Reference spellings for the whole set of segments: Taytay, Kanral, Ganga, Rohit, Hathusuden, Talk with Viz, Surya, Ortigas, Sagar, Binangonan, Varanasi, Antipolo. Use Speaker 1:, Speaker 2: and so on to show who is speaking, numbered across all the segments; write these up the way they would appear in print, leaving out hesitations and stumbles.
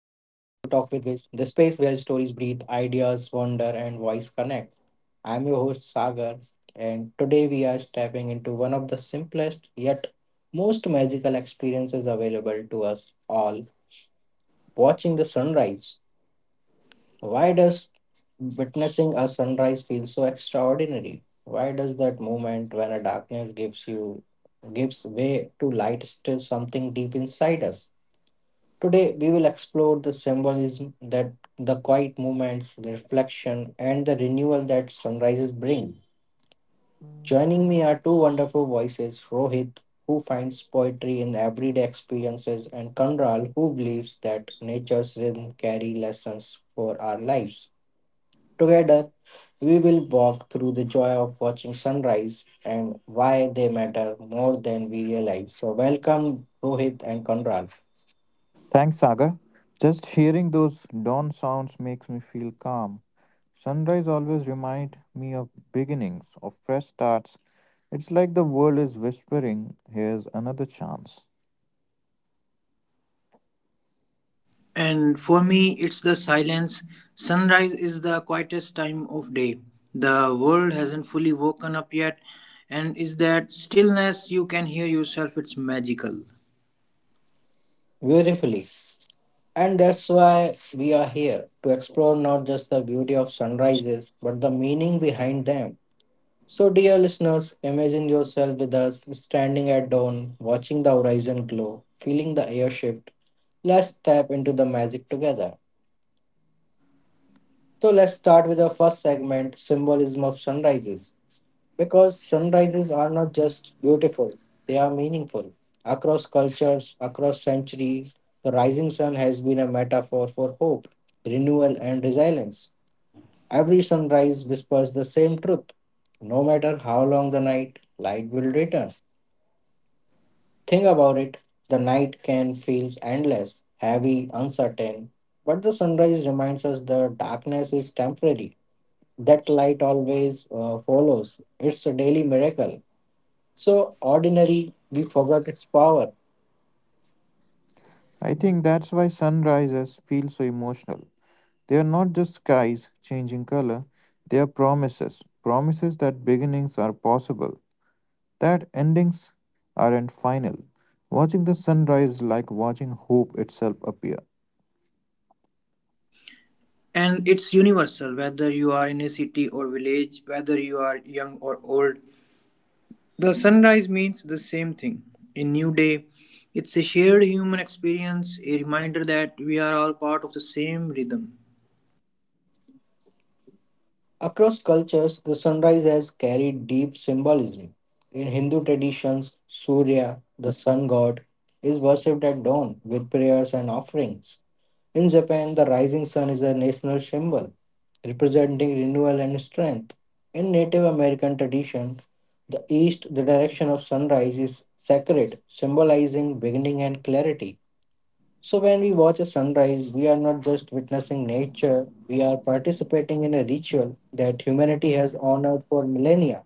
Speaker 1: with Viz, the space where stories breathe, ideas wander, and voice connect. I'm your host Sagar, and today we are stepping into one of the simplest yet most magical experiences available to us all watching the sunrise. Why does witnessing a sunrise feel so extraordinary? Why does that moment when a darkness gives you gives way to light still something deep inside us? Today, we will explore the symbolism that the quiet moments, the reflection, and the renewal that sunrises bring. Joining me are two wonderful voices Rohit, who finds poetry in everyday experiences, and Kanral, who believes that nature's rhythm carry lessons for our lives. Together, we will walk through the joy of watching sunrise and why they matter more than we realize. So, welcome, Rohit and Kanral,
Speaker 2: Thanks, Saga. Just hearing those dawn sounds makes me feel calm. Sunrise always remind me of beginnings, of fresh starts. It's like the world is whispering, here's another chance.
Speaker 3: And for me, it's the silence. Sunrise is the quietest time of day. The world hasn't fully woken up yet, and is that stillness you can hear yourself? It's magical.
Speaker 1: beautifully. And that's why we are here to explore not just the beauty of sunrises, but the meaning behind them. So, dear listeners, imagine yourself with us standing at dawn, watching the horizon glow, feeling the air shift. Let's tap into the magic together. So, let's start with the first segment symbolism of sunrises. Because sunrises are not just beautiful, they are meaningful. Across cultures, across centuries, the rising sun has been a metaphor for hope, renewal, and resilience. Every sunrise whispers the same truth. No matter how long the night, light will return. Think about it the night can feel endless, heavy, uncertain, but the sunrise reminds us the darkness is temporary. That light always follows. It's a daily miracle so ordinary we forgot its power.
Speaker 2: I think that's why sunrises feel so emotional. They are not just skies changing color, they are promises. Promises that beginnings are possible, that endings aren't final. Watching the sunrise is like watching hope itself appear.
Speaker 3: And it's universal, whether you are in a city or village, whether you are young or old. The sunrise means the same thing. A new day. It's a shared human experience, a reminder that we are all part of the same rhythm.
Speaker 1: Across cultures, the sunrise has carried deep symbolism. In Hindu traditions, Surya, the sun god, is worshipped at dawn with prayers and offerings. In Japan, the rising sun is a national symbol, representing renewal and strength. In Native American tradition, the east, the direction of sunrise, is sacred, symbolizing beginning and clarity. So, when we watch a sunrise, we are not just witnessing nature, we are participating in a ritual that humanity has honored for millennia.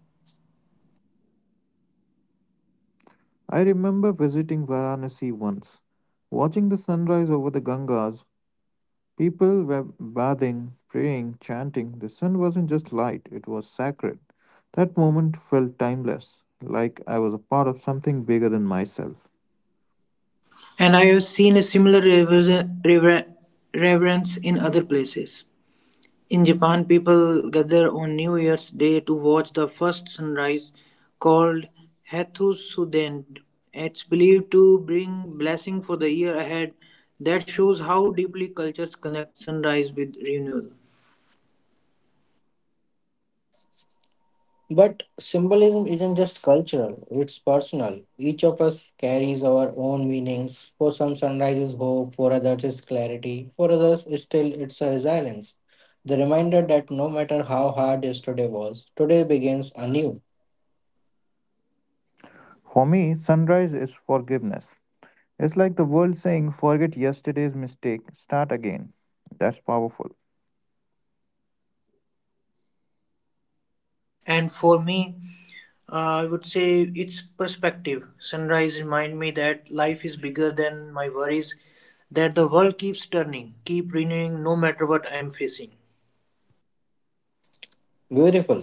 Speaker 2: I remember visiting Varanasi once, watching the sunrise over the Gangas. People were bathing, praying, chanting. The sun wasn't just light, it was sacred. That moment felt timeless, like I was a part of something bigger than myself.
Speaker 3: And I have seen a similar reverence in other places. In Japan, people gather on New Year's Day to watch the first sunrise called Hathusuden. It's believed to bring blessing for the year ahead. That shows how deeply cultures connect sunrise with renewal.
Speaker 1: But symbolism isn't just cultural, it's personal. Each of us carries our own meanings. For some, sunrise is hope, for others, is clarity, for others, is still, it's a resilience. The reminder that no matter how hard yesterday was, today begins anew.
Speaker 2: For me, sunrise is forgiveness. It's like the world saying, forget yesterday's mistake, start again. That's powerful.
Speaker 3: And for me, I would say it's perspective. Sunrise remind me that life is bigger than my worries, that the world keeps turning, keep renewing no matter what I'm facing.
Speaker 1: Beautiful.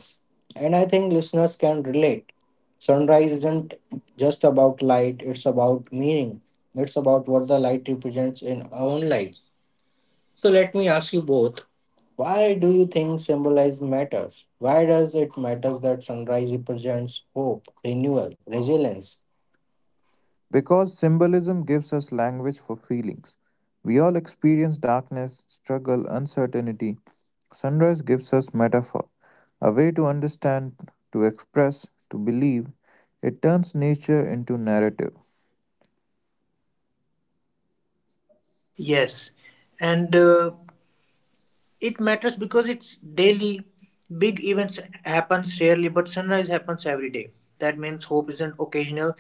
Speaker 1: And I think listeners can relate. Sunrise isn't just about light, it's about meaning. It's about what the light represents in our own lives. So let me ask you both why do you think symbolize matters? Why does it matter that sunrise represents hope, renewal, resilience?
Speaker 2: Because symbolism gives us language for feelings. We all experience darkness, struggle, uncertainty. Sunrise gives us metaphor, a way to understand, to express, to believe. It turns nature into narrative.
Speaker 3: Yes, and it matters because it's daily. Big events happens rarely, but sunrise happens every day. That means hope isn't occasional;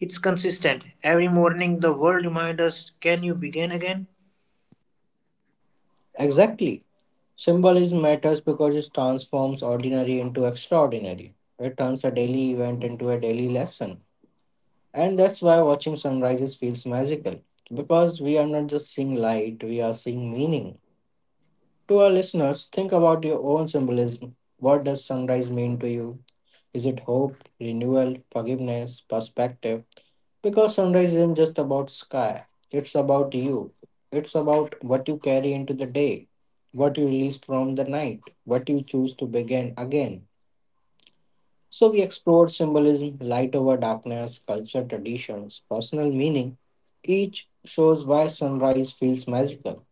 Speaker 3: it's consistent. Every morning, the world reminds us, "Can you begin again?"
Speaker 1: Exactly. Symbolism matters because it transforms ordinary into extraordinary. It turns a daily event into a daily lesson. And that's why watching sunrises feels magical because we are not just seeing light, we are seeing meaning. To our listeners, think about your own symbolism. What does sunrise mean to you? Is it hope, renewal, forgiveness, perspective? Because sunrise isn't just about sky, it's about you. It's about what you carry into the day, what you release from the night, what you choose to begin again. So we explored symbolism, light over darkness, culture, traditions, personal meaning. Each shows why sunrise feels magical,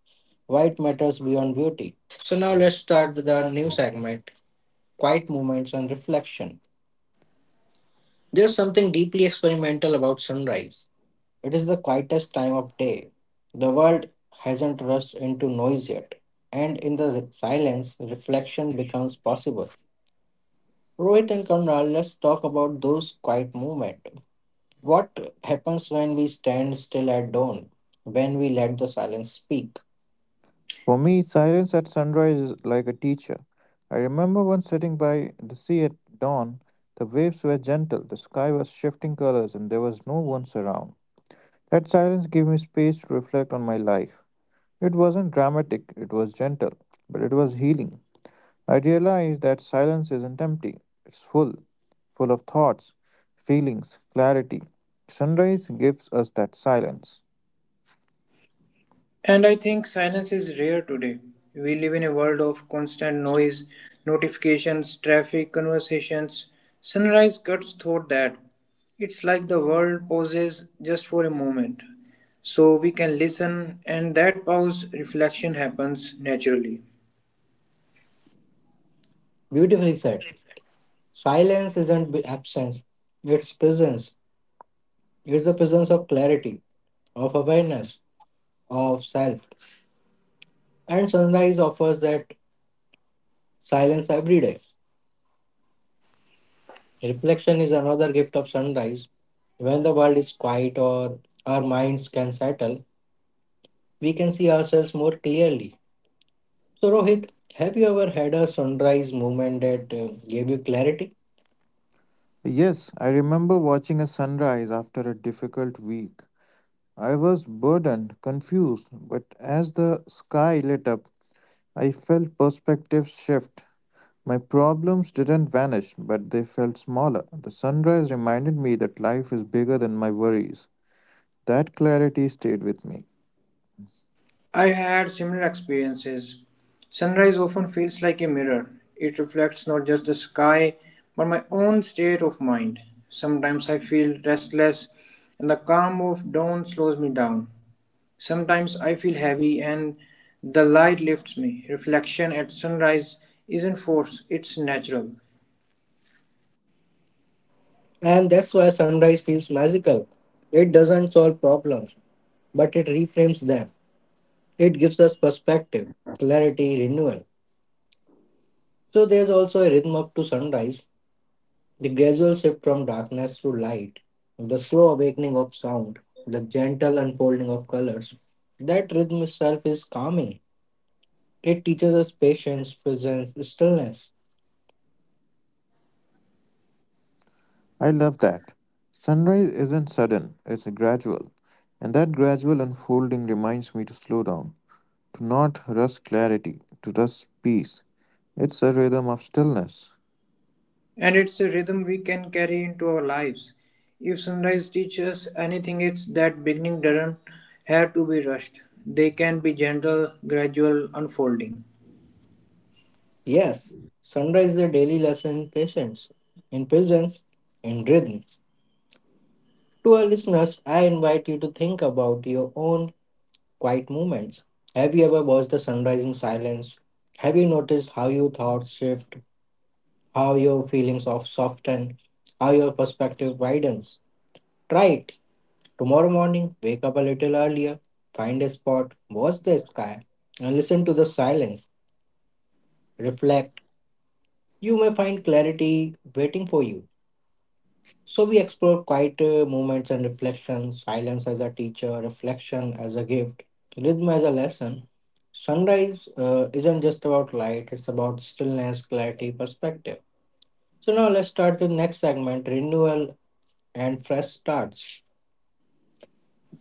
Speaker 1: why it matters beyond beauty. So now let's start with our new segment, quiet moments and reflection. There's something deeply experimental about sunrise. It is the quietest time of day. The world hasn't rushed into noise yet, and in the silence, reflection becomes possible. Rohit and Conrad, let's talk about those quiet moments. What happens when we stand still at dawn, when we let the silence speak?
Speaker 2: For me, silence at sunrise is like a teacher. I remember once sitting by the sea at dawn. The waves were gentle, the sky was shifting colors, and there was no one around. That silence gave me space to reflect on my life. It wasn't dramatic, it was gentle, but it was healing. I realized that silence isn't empty, it's full, full of thoughts, feelings, clarity. Sunrise gives us that silence.
Speaker 3: And I think silence is rare today. We live in a world of constant noise, notifications, traffic, conversations. Sunrise cuts through that. It's like the world pauses just for a moment. So we can listen, and that pause reflection happens naturally.
Speaker 1: Beautifully said. Silence isn't absence, it's presence. It's the presence of clarity, of awareness, of self. And sunrise offers that silence every day. Reflection is another gift of sunrise. When the world is quiet or our minds can settle, we can see ourselves more clearly. So, Rohit, have you ever had a sunrise moment that gave you clarity?
Speaker 2: Yes, I remember watching a sunrise after a difficult week. I was burdened, confused, but as the sky lit up, I felt perspective shift. My problems didn't vanish, but they felt smaller. The sunrise reminded me that life is bigger than my worries. That clarity stayed with me.
Speaker 3: I had similar experiences. Sunrise often feels like a mirror. It reflects not just the sky, but my own state of mind. Sometimes I feel restless, and the calm of dawn slows me down. Sometimes I feel heavy, and the light lifts me. Reflection at sunrise isn't forced, it's natural.
Speaker 1: And that's why sunrise feels magical. It doesn't solve problems, but it reframes them. It gives us perspective, clarity, renewal. So there's also a rhythm up to sunrise, the gradual shift from darkness to light, the slow awakening of sound, the gentle unfolding of colors. That rhythm itself is calming. It teaches us patience, presence, stillness.
Speaker 2: I love that. Sunrise isn't sudden, it's gradual. And that gradual unfolding reminds me to slow down, to not rush clarity, to rush peace. It's a rhythm of stillness.
Speaker 3: And it's a rhythm we can carry into our lives. If sunrise teaches us anything, it's that beginning doesn't have to be rushed. They can be gentle, gradual unfolding.
Speaker 1: Yes, sunrise is a daily lesson in patience, in presence, in rhythm. To our listeners, I invite you to think about your own quiet moments. Have you ever watched the sunrise in silence? Have you noticed how your thoughts shift, how your feelings of soften, how your perspective widens? Try it. Tomorrow morning, wake up a little earlier, find a spot, watch the sky, and listen to the silence. Reflect. You may find clarity waiting for you. So we explored quiet moments and reflections, silence as a teacher, reflection as a gift, rhythm as a lesson. Sunrise isn't just about light, it's about stillness, clarity, perspective. So now let's start with next segment, renewal and fresh starts.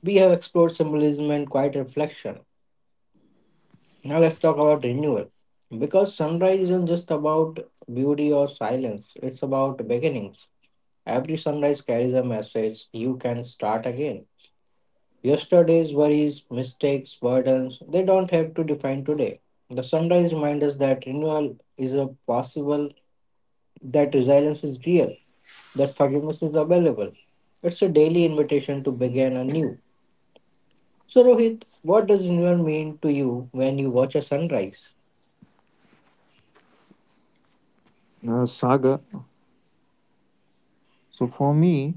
Speaker 1: We have explored symbolism and quiet reflection. Now let's talk about renewal. Because sunrise isn't just about beauty or silence, it's about beginnings. Every sunrise carries a message, you can start again. Yesterday's worries, mistakes, burdens, they don't have to define today. The sunrise reminds us that renewal is a possible, that resilience is real, that forgiveness is available. It's a daily invitation to begin anew. So, Rohit, what does renewal mean to you when you watch a sunrise?
Speaker 2: Saga, So for me,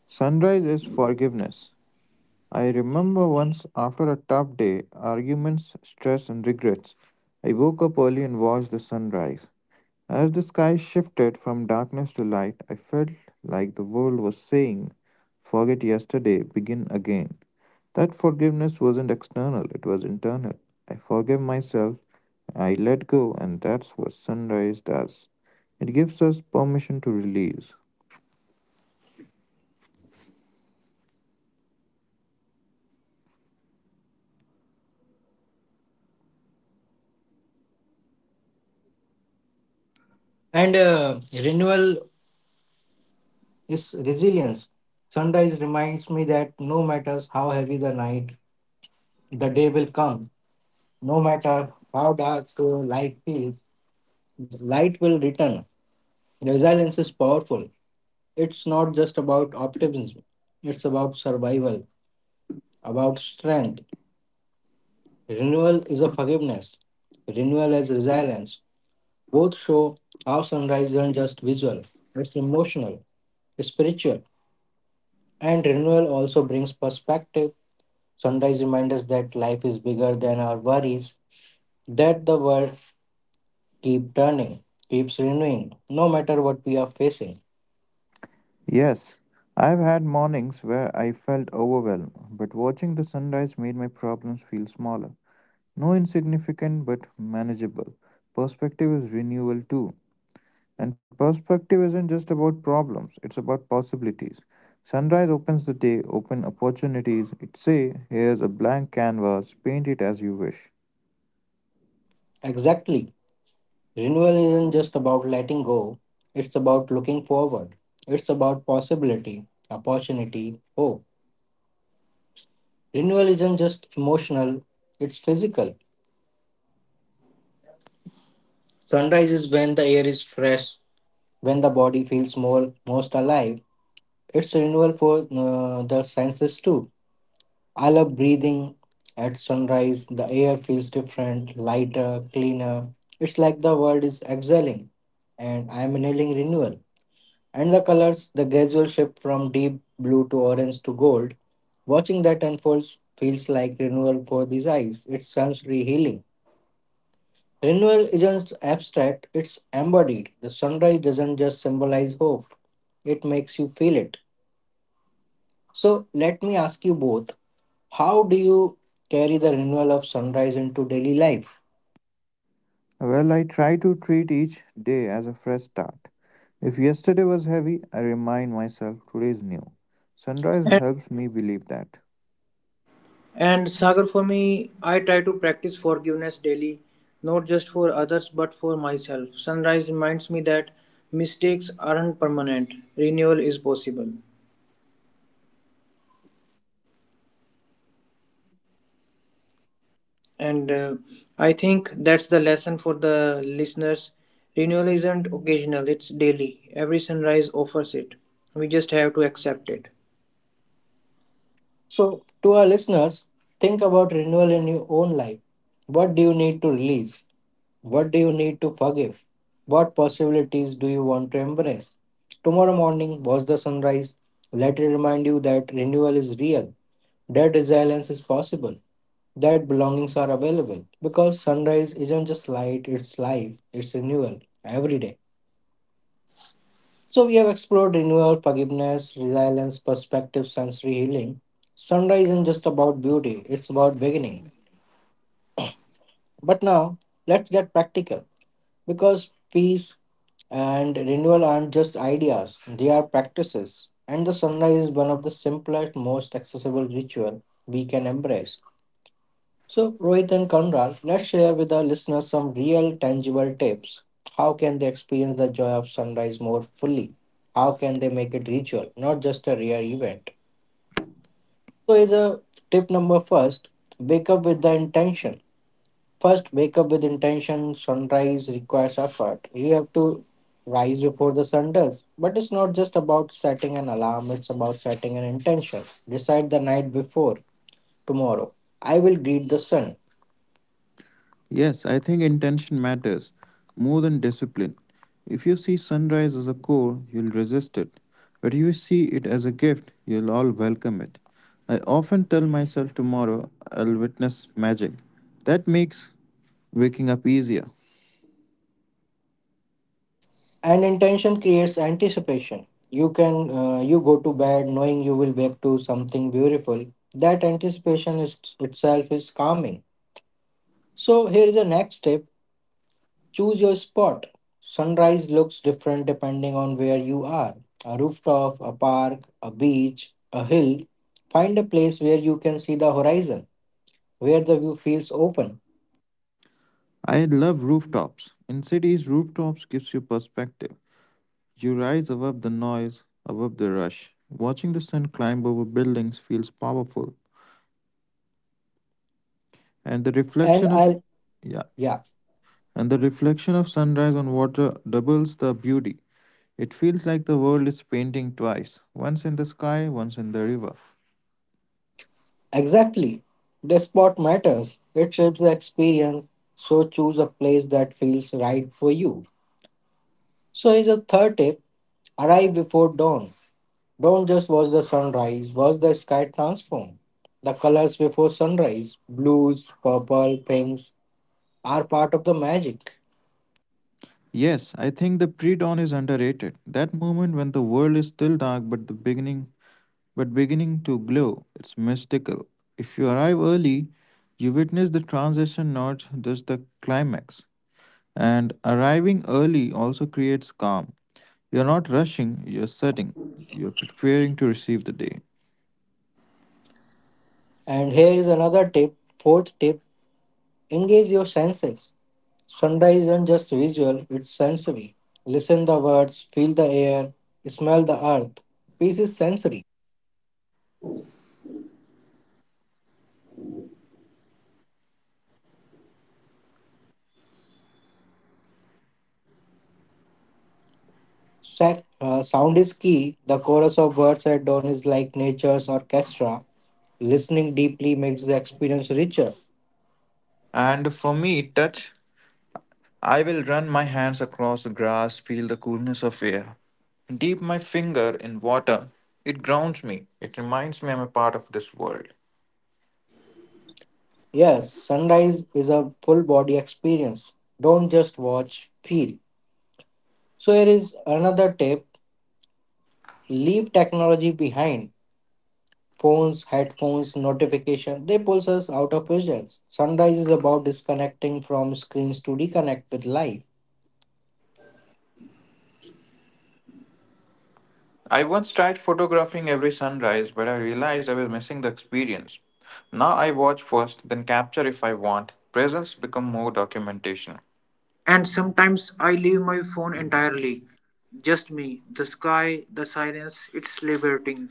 Speaker 2: sunrise is forgiveness. I remember once after a tough day, arguments, stress, and regrets, I woke up early and watched the sunrise. As the sky shifted from darkness to light, I felt like the world was saying, forget yesterday, begin again. That forgiveness wasn't external, it was internal. I forgave myself, I let go, and that's what sunrise does. It gives us permission to release.
Speaker 1: And renewal is resilience. Sunrise reminds me that no matter how heavy the night, the day will come. No matter how dark light feels, the light will return. Resilience is powerful. It's not just about optimism, it's about survival, about strength. Renewal is a forgiveness. Renewal as resilience. Both show how sunrise isn't just visual, it's emotional, spiritual. And renewal also brings perspective. Sunrise reminds us that life is bigger than our worries, that the world keeps turning, keeps renewing, no matter what we are facing.
Speaker 2: Yes, I've had mornings where I felt overwhelmed, but watching the sunrise made my problems feel smaller. No insignificant, but manageable. Perspective is renewal too. And perspective isn't just about problems, it's about possibilities. Sunrise opens the day, open opportunities. It say, here's a blank canvas, paint it as you wish.
Speaker 1: Exactly. Renewal isn't just about letting go, it's about looking forward. It's about possibility, opportunity, hope. Renewal isn't just emotional, it's physical. Sunrise is when the air is fresh, when the body feels more most alive. It's renewal for the senses too. I love breathing at sunrise. The air feels different, lighter, cleaner. It's like the world is exhaling and I'm inhaling renewal. And the colors, the gradual shift from deep blue to orange to gold. Watching that unfolds feels like renewal for these eyes. It's sensory healing. Renewal isn't abstract, it's embodied. The sunrise doesn't just symbolize hope, it makes you feel it. So, let me ask you both how do you carry the renewal of sunrise into daily life?
Speaker 2: Well, I try to treat each day as a fresh start. If yesterday was heavy, I remind myself today is new. Sunrise
Speaker 3: And,
Speaker 2: helps me believe that.
Speaker 3: and Sagar, for me, I try to practice forgiveness daily, not just for others but for myself. Sunrise reminds me that mistakes aren't permanent, renewal is possible. And I think that's the lesson for the listeners. Renewal isn't occasional, it's daily. Every sunrise offers it. We just have to accept it.
Speaker 1: So, to our listeners, think about renewal in your own life. What do you need to release? What do you need to forgive? What possibilities do you want to embrace? Tomorrow morning, watch the sunrise. Let it remind you that renewal is real, that resilience is possible, that belongings are available. Because sunrise isn't just light, it's life, it's renewal every day. So, we have explored renewal, forgiveness, resilience, perspective, sensory healing. Sunrise isn't just about beauty, it's about beginning. But now, let's get practical. Because peace and renewal aren't just ideas, they are practices. And the sunrise is one of the simplest, most accessible ritual we can embrace. So, Rohit and Kanral, let's share with our listeners some real, tangible tips. How can they experience the joy of sunrise more fully? How can they make it ritual, not just a rare event? So, is a tip number first: wake up with the intention. First, wake up with intention. Sunrise requires effort. You have to rise before the sun does. But it's not just about setting an alarm, it's about setting an intention. Decide the night before tomorrow. I will greet the sun.
Speaker 2: Yes, I think intention matters more than discipline. If you see sunrise as a core, you'll resist it. But if you see it as a gift, you'll all welcome it. I often tell myself tomorrow I'll witness magic. That makes waking up easier.
Speaker 1: And intention creates anticipation. You can you go to bed knowing you will wake to something beautiful. That anticipation is itself is calming. So here is the next step. Choose your spot. Sunrise looks different depending on where you are a rooftop, a park, a beach, a hill. Find a place where you can see the horizon, where the view feels open.
Speaker 2: I love rooftops. In cities, rooftops gives you perspective. You rise above the noise, above the rush. Watching the sun climb over buildings feels powerful. And the
Speaker 1: And
Speaker 2: reflection of
Speaker 1: I'll,
Speaker 2: Yeah,
Speaker 1: yeah,
Speaker 2: and the reflection of sunrise on water doubles the beauty. It feels like the world is painting twice, once in the sky, once in the river.
Speaker 1: exactly. The spot matters, it shapes the experience. So choose a place that feels right for you. So, here's a third tip arrive before dawn. Don't just watch the sunrise, watch the sky transform. The colors before sunrise, blues, purple, pinks, are part of the magic.
Speaker 2: Yes, I think the pre-dawn is underrated. That moment when the world is still dark but the beginning but beginning to glow. It's mystical. If you arrive early, you witness the transition, not just the climax. And arriving early also creates calm. You're not rushing, you're setting. You're preparing to receive the day.
Speaker 1: And here is another tip, fourth tip engage your senses. Sunrise isn't just visual, it's sensory. Listen the words, feel the air, smell the earth. Peace is sensory. Sound is key. The chorus of birds at dawn is like nature's orchestra. Listening deeply makes the experience richer.
Speaker 2: And for me, touch, I will run my hands across the grass, feel the coolness of air, dip my finger in water, it grounds me, it reminds me I'm a part of this world.
Speaker 1: Yes, sunrise is a full body experience. Don't just watch, feel. So, here is another tip leave technology behind. Phones, headphones, notification, they pulls us out of presence. Sunrise is about disconnecting from screens to reconnect with life.
Speaker 2: I once tried photographing every sunrise, but I realized I was missing the experience. Now I watch first, then capture if I want. Presence become more documentation.
Speaker 3: And sometimes I leave my phone entirely. Just me, the sky, the silence, it's liberating.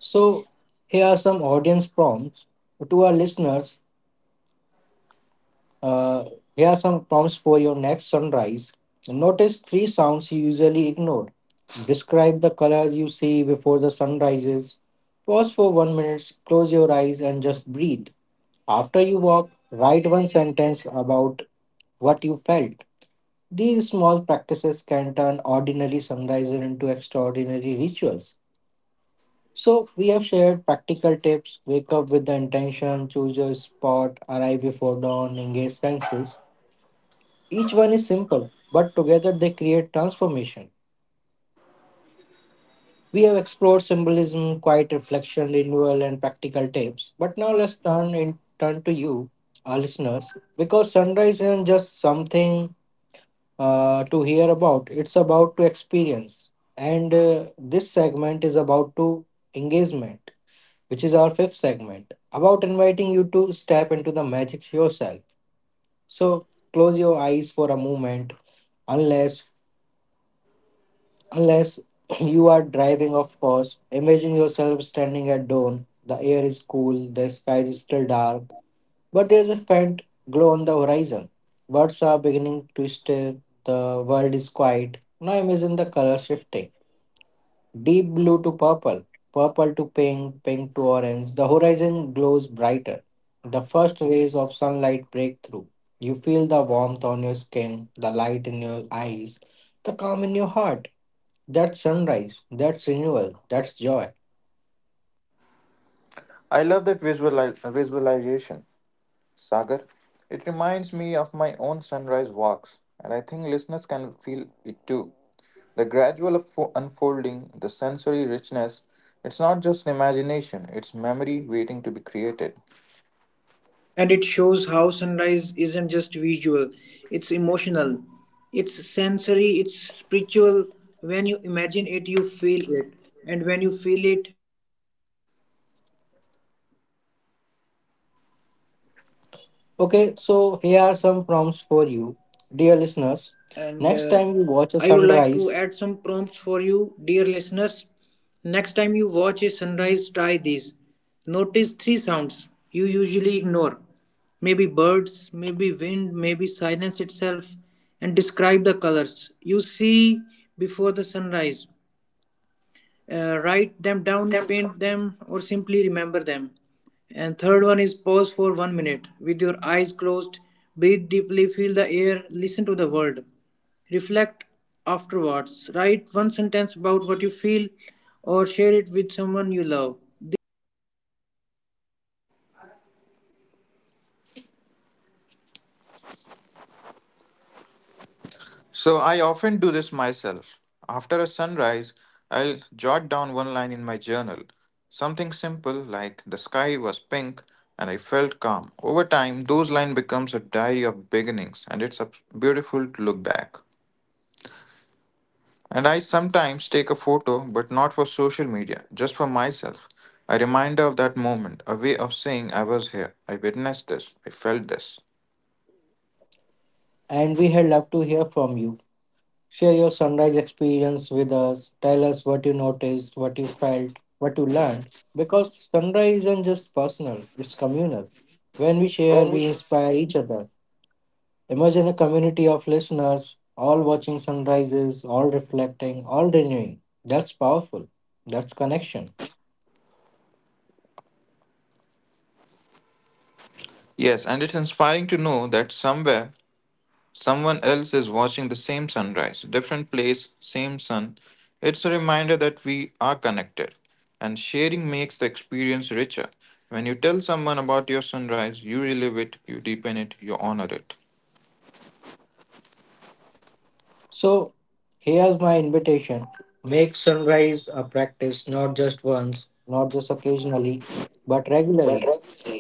Speaker 1: So, here are some audience prompts to our listeners. Uh, Here are some prompts for your next sunrise. Notice three sounds you usually ignore. Describe the colors you see before the sun rises. Pause for 1 minute, close your eyes, and just breathe. After you walk, write one sentence about what you felt. These small practices can turn ordinary sunrises into extraordinary rituals. So, we have shared practical tips: wake up with the intention, choose your spot, arrive before dawn, engage senses. Each one is simple, but together they create transformation. We have explored symbolism, quiet reflection, renewal, and practical tips. But now let's turn in turn to you, our listeners, because sunrise isn't just something to hear about. It's about to experience, and this segment is about to engagement, which is our fifth segment, about inviting you to step into the magic yourself. So, close your eyes for a moment, unless Unless you are driving, of course. Imagine yourself standing at dawn. The air is cool, the sky is still dark, but there's a faint glow on the horizon. Birds are beginning to stir, the world is quiet. Now imagine the color shifting: deep blue to purple, purple to pink, pink to orange. The horizon glows brighter. The first rays of sunlight break through. You feel the warmth on your skin, the light in your eyes, the calm in your heart. That's sunrise, that's renewal, that's joy.
Speaker 2: I love that visualization, Sagar. It reminds me of my own sunrise walks, and I think listeners can feel it too. The gradual unfolding, the sensory richness, it's not just an imagination, it's memory waiting to be created.
Speaker 3: And it shows how sunrise isn't just visual, it's emotional, it's sensory, it's spiritual. When you imagine it you feel it, and when you feel it, you carry it.
Speaker 1: Okay, so here are some prompts for you, dear listeners.
Speaker 3: And
Speaker 1: Next time you watch a
Speaker 3: I would like to
Speaker 1: sunrise,
Speaker 3: add some prompts for you, dear listeners. Next time you watch a sunrise, try these. Notice three sounds you usually ignore, maybe birds, maybe wind, maybe silence itself, and describe the colors you see before the sunrise. Write them down, paint them, or simply remember them. And third one is pause for 1 minute with your eyes closed, breathe deeply, feel the air, listen to the world. Reflect afterwards. Write one sentence about what you feel or share it with someone you love. These small practices can turn ordinary sunrises into extraordinary rituals. So, what do you think, Rohit?
Speaker 2: So I often do this myself. After a sunrise, I'll jot down one line in my journal. Something simple like the sky was pink and I felt calm. Over time, those lines becomes a diary of beginnings and beautiful to look back. And I sometimes take a photo, but not for social media, just for myself. A reminder of that moment, a way of saying I was here, I witnessed this, I felt this.
Speaker 1: and we had love to hear from you. Share your sunrise experience with us. Tell us what you noticed, what you felt, what you learned. Because sunrise isn't just personal, it's communal. When we share,
Speaker 2: When we
Speaker 1: we inspire each other. Imagine a community of listeners, all watching sunrises, all reflecting, all renewing. That's powerful. That's connection.
Speaker 2: Yes, and it's inspiring to know that somewhere someone else is watching the same sunrise, different place, same sun. It's a reminder that we are connected, and sharing makes the experience richer. When you tell someone about your sunrise, you relive it, you deepen it, you honor it.
Speaker 1: So, here's my invitation: make sunrise a practice, not just once, not just occasionally, but regularly.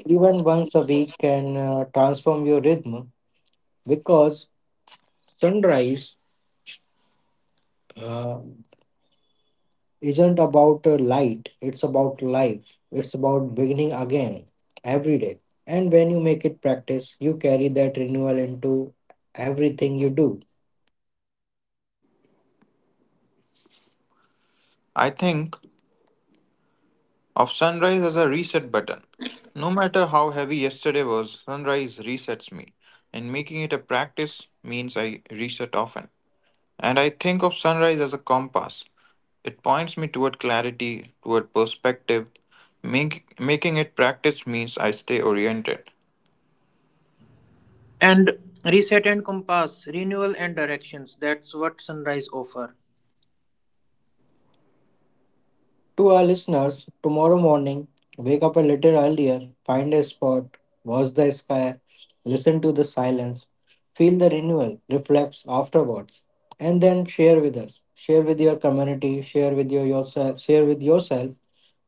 Speaker 1: Even once a week can transform your rhythm, because sunrise uh, isn't about light, it's about life, it's about beginning again every day. And when you make it practice, you carry that renewal into everything you do.
Speaker 2: I think of sunrise as a reset button. No matter how heavy yesterday was, sunrise resets me, and making it a practice means I reset often. And I think of sunrise as a compass. It points me toward clarity, toward perspective. Making it practice means I stay oriented.
Speaker 3: And reset and compass, renewal and directions, that's what sunrise offer.
Speaker 1: To our listeners, tomorrow morning, wake up a little earlier, find a spot, watch the sky, listen to the silence, feel the renewal, reflect afterwards, and then share with us. Share with your community, share with yourself, share with yourself,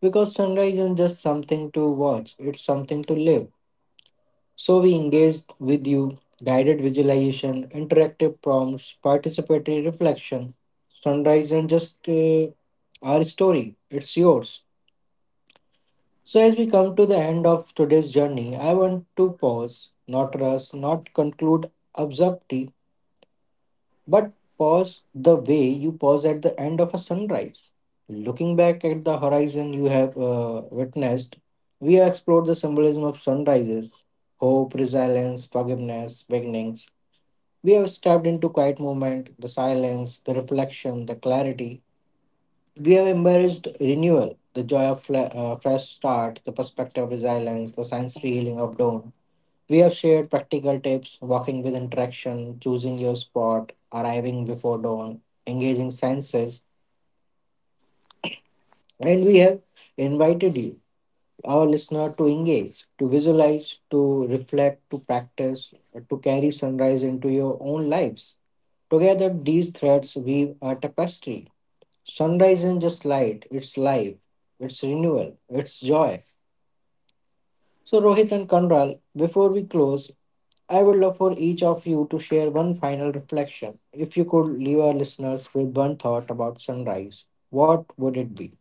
Speaker 1: because sunrise isn't just something to watch; it's something to live. So, we engaged with you: guided visualization, interactive prompts, participatory reflection. Sunrise isn't just our story; it's yours. So, as we come to the end of today's journey, I want to pause, not rush, not conclude abruptly, but pause the way you pause at the end of a sunrise. Looking back at the horizon you have witnessed, we have explored the symbolism of sunrises: hope, resilience, forgiveness, beginnings. We have stepped into quiet moment, the silence, the reflection, the clarity; we have embraced renewal, the joy of fresh start, the perspective of resilience, the sensory healing of dawn. We have shared practical tips: walking with interaction, choosing your spot, arriving before dawn, engaging senses, and we have invited you, our listener, to engage, to visualize, to reflect, to practice, to carry sunrise into your own lives. Together, these threads weave a tapestry. Sunrise isn't just light, it's life, it's renewal, it's joy. So, Rohit and Kanral, before we close, I would love for each of you to share one final reflection. If you could leave our listeners with one thought about sunrise, what would it be?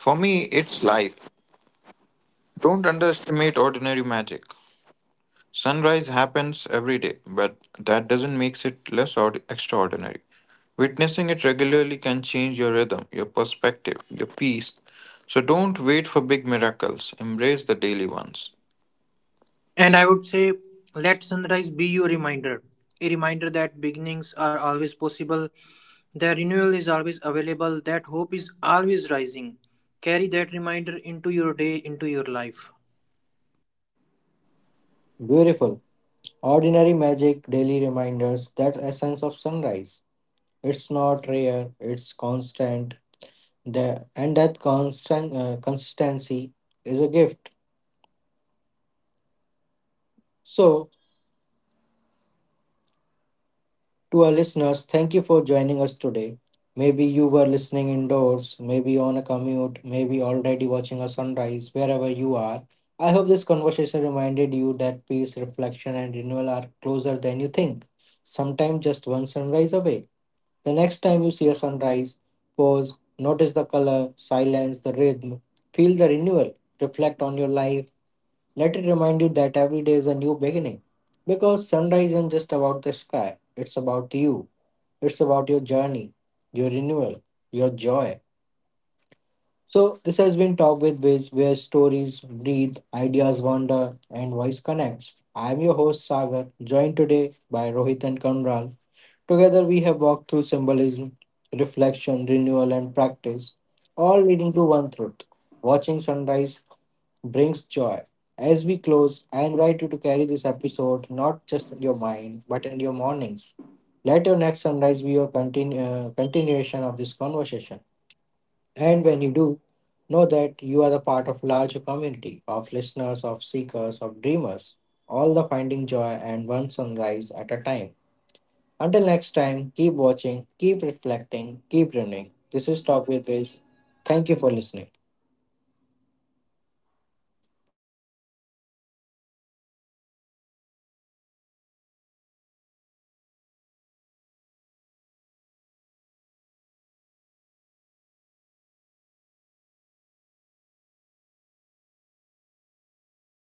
Speaker 2: For me, it's life. Don't underestimate ordinary magic. Sunrise happens every day, but that doesn't make it less extraordinary. Witnessing it regularly can change your rhythm, your perspective, your peace. So don't wait for big miracles, embrace the daily ones.
Speaker 3: And I would say, let sunrise be your reminder, a reminder that beginnings are always possible, that renewal is always available, that hope is always rising. Carry that reminder into your day, into your life.
Speaker 1: Beautiful, ordinary magic, daily reminders, that essence of sunrise. It's not rare, it's constant, and that constant, consistency is a gift. So, to our listeners, thank you for joining us today. Maybe you were listening indoors, maybe on a commute, maybe already watching a sunrise, wherever you are. I hope this conversation reminded you that peace, reflection, and renewal are closer than you think. Sometimes just one sunrise away. The next time you see a sunrise, pause, notice the color, silence, the rhythm, feel the renewal, reflect on your life. Let it remind you that every day is a new beginning. Because sunrise isn't just about the sky, it's about you, it's about your journey, your renewal, your joy. So, this has been Talk with Viz, where stories breathe, ideas wander, and voice connects. I am your host, Sagar, joined today by Rohit and Kamral. Together, we have walked through symbolism, reflection, renewal, and practice, all leading to one truth: watching sunrise brings joy. As we close, I invite you to carry this episode not just in your mind but in your mornings. Let your next sunrise be your continuation of this conversation. And when you do, know that you are the part of larger community of listeners, of seekers, of dreamers, all the finding joy and one sunrise at a time. Until next time, keep watching, keep reflecting, keep running. This is Talk with Viz. Thank you for listening.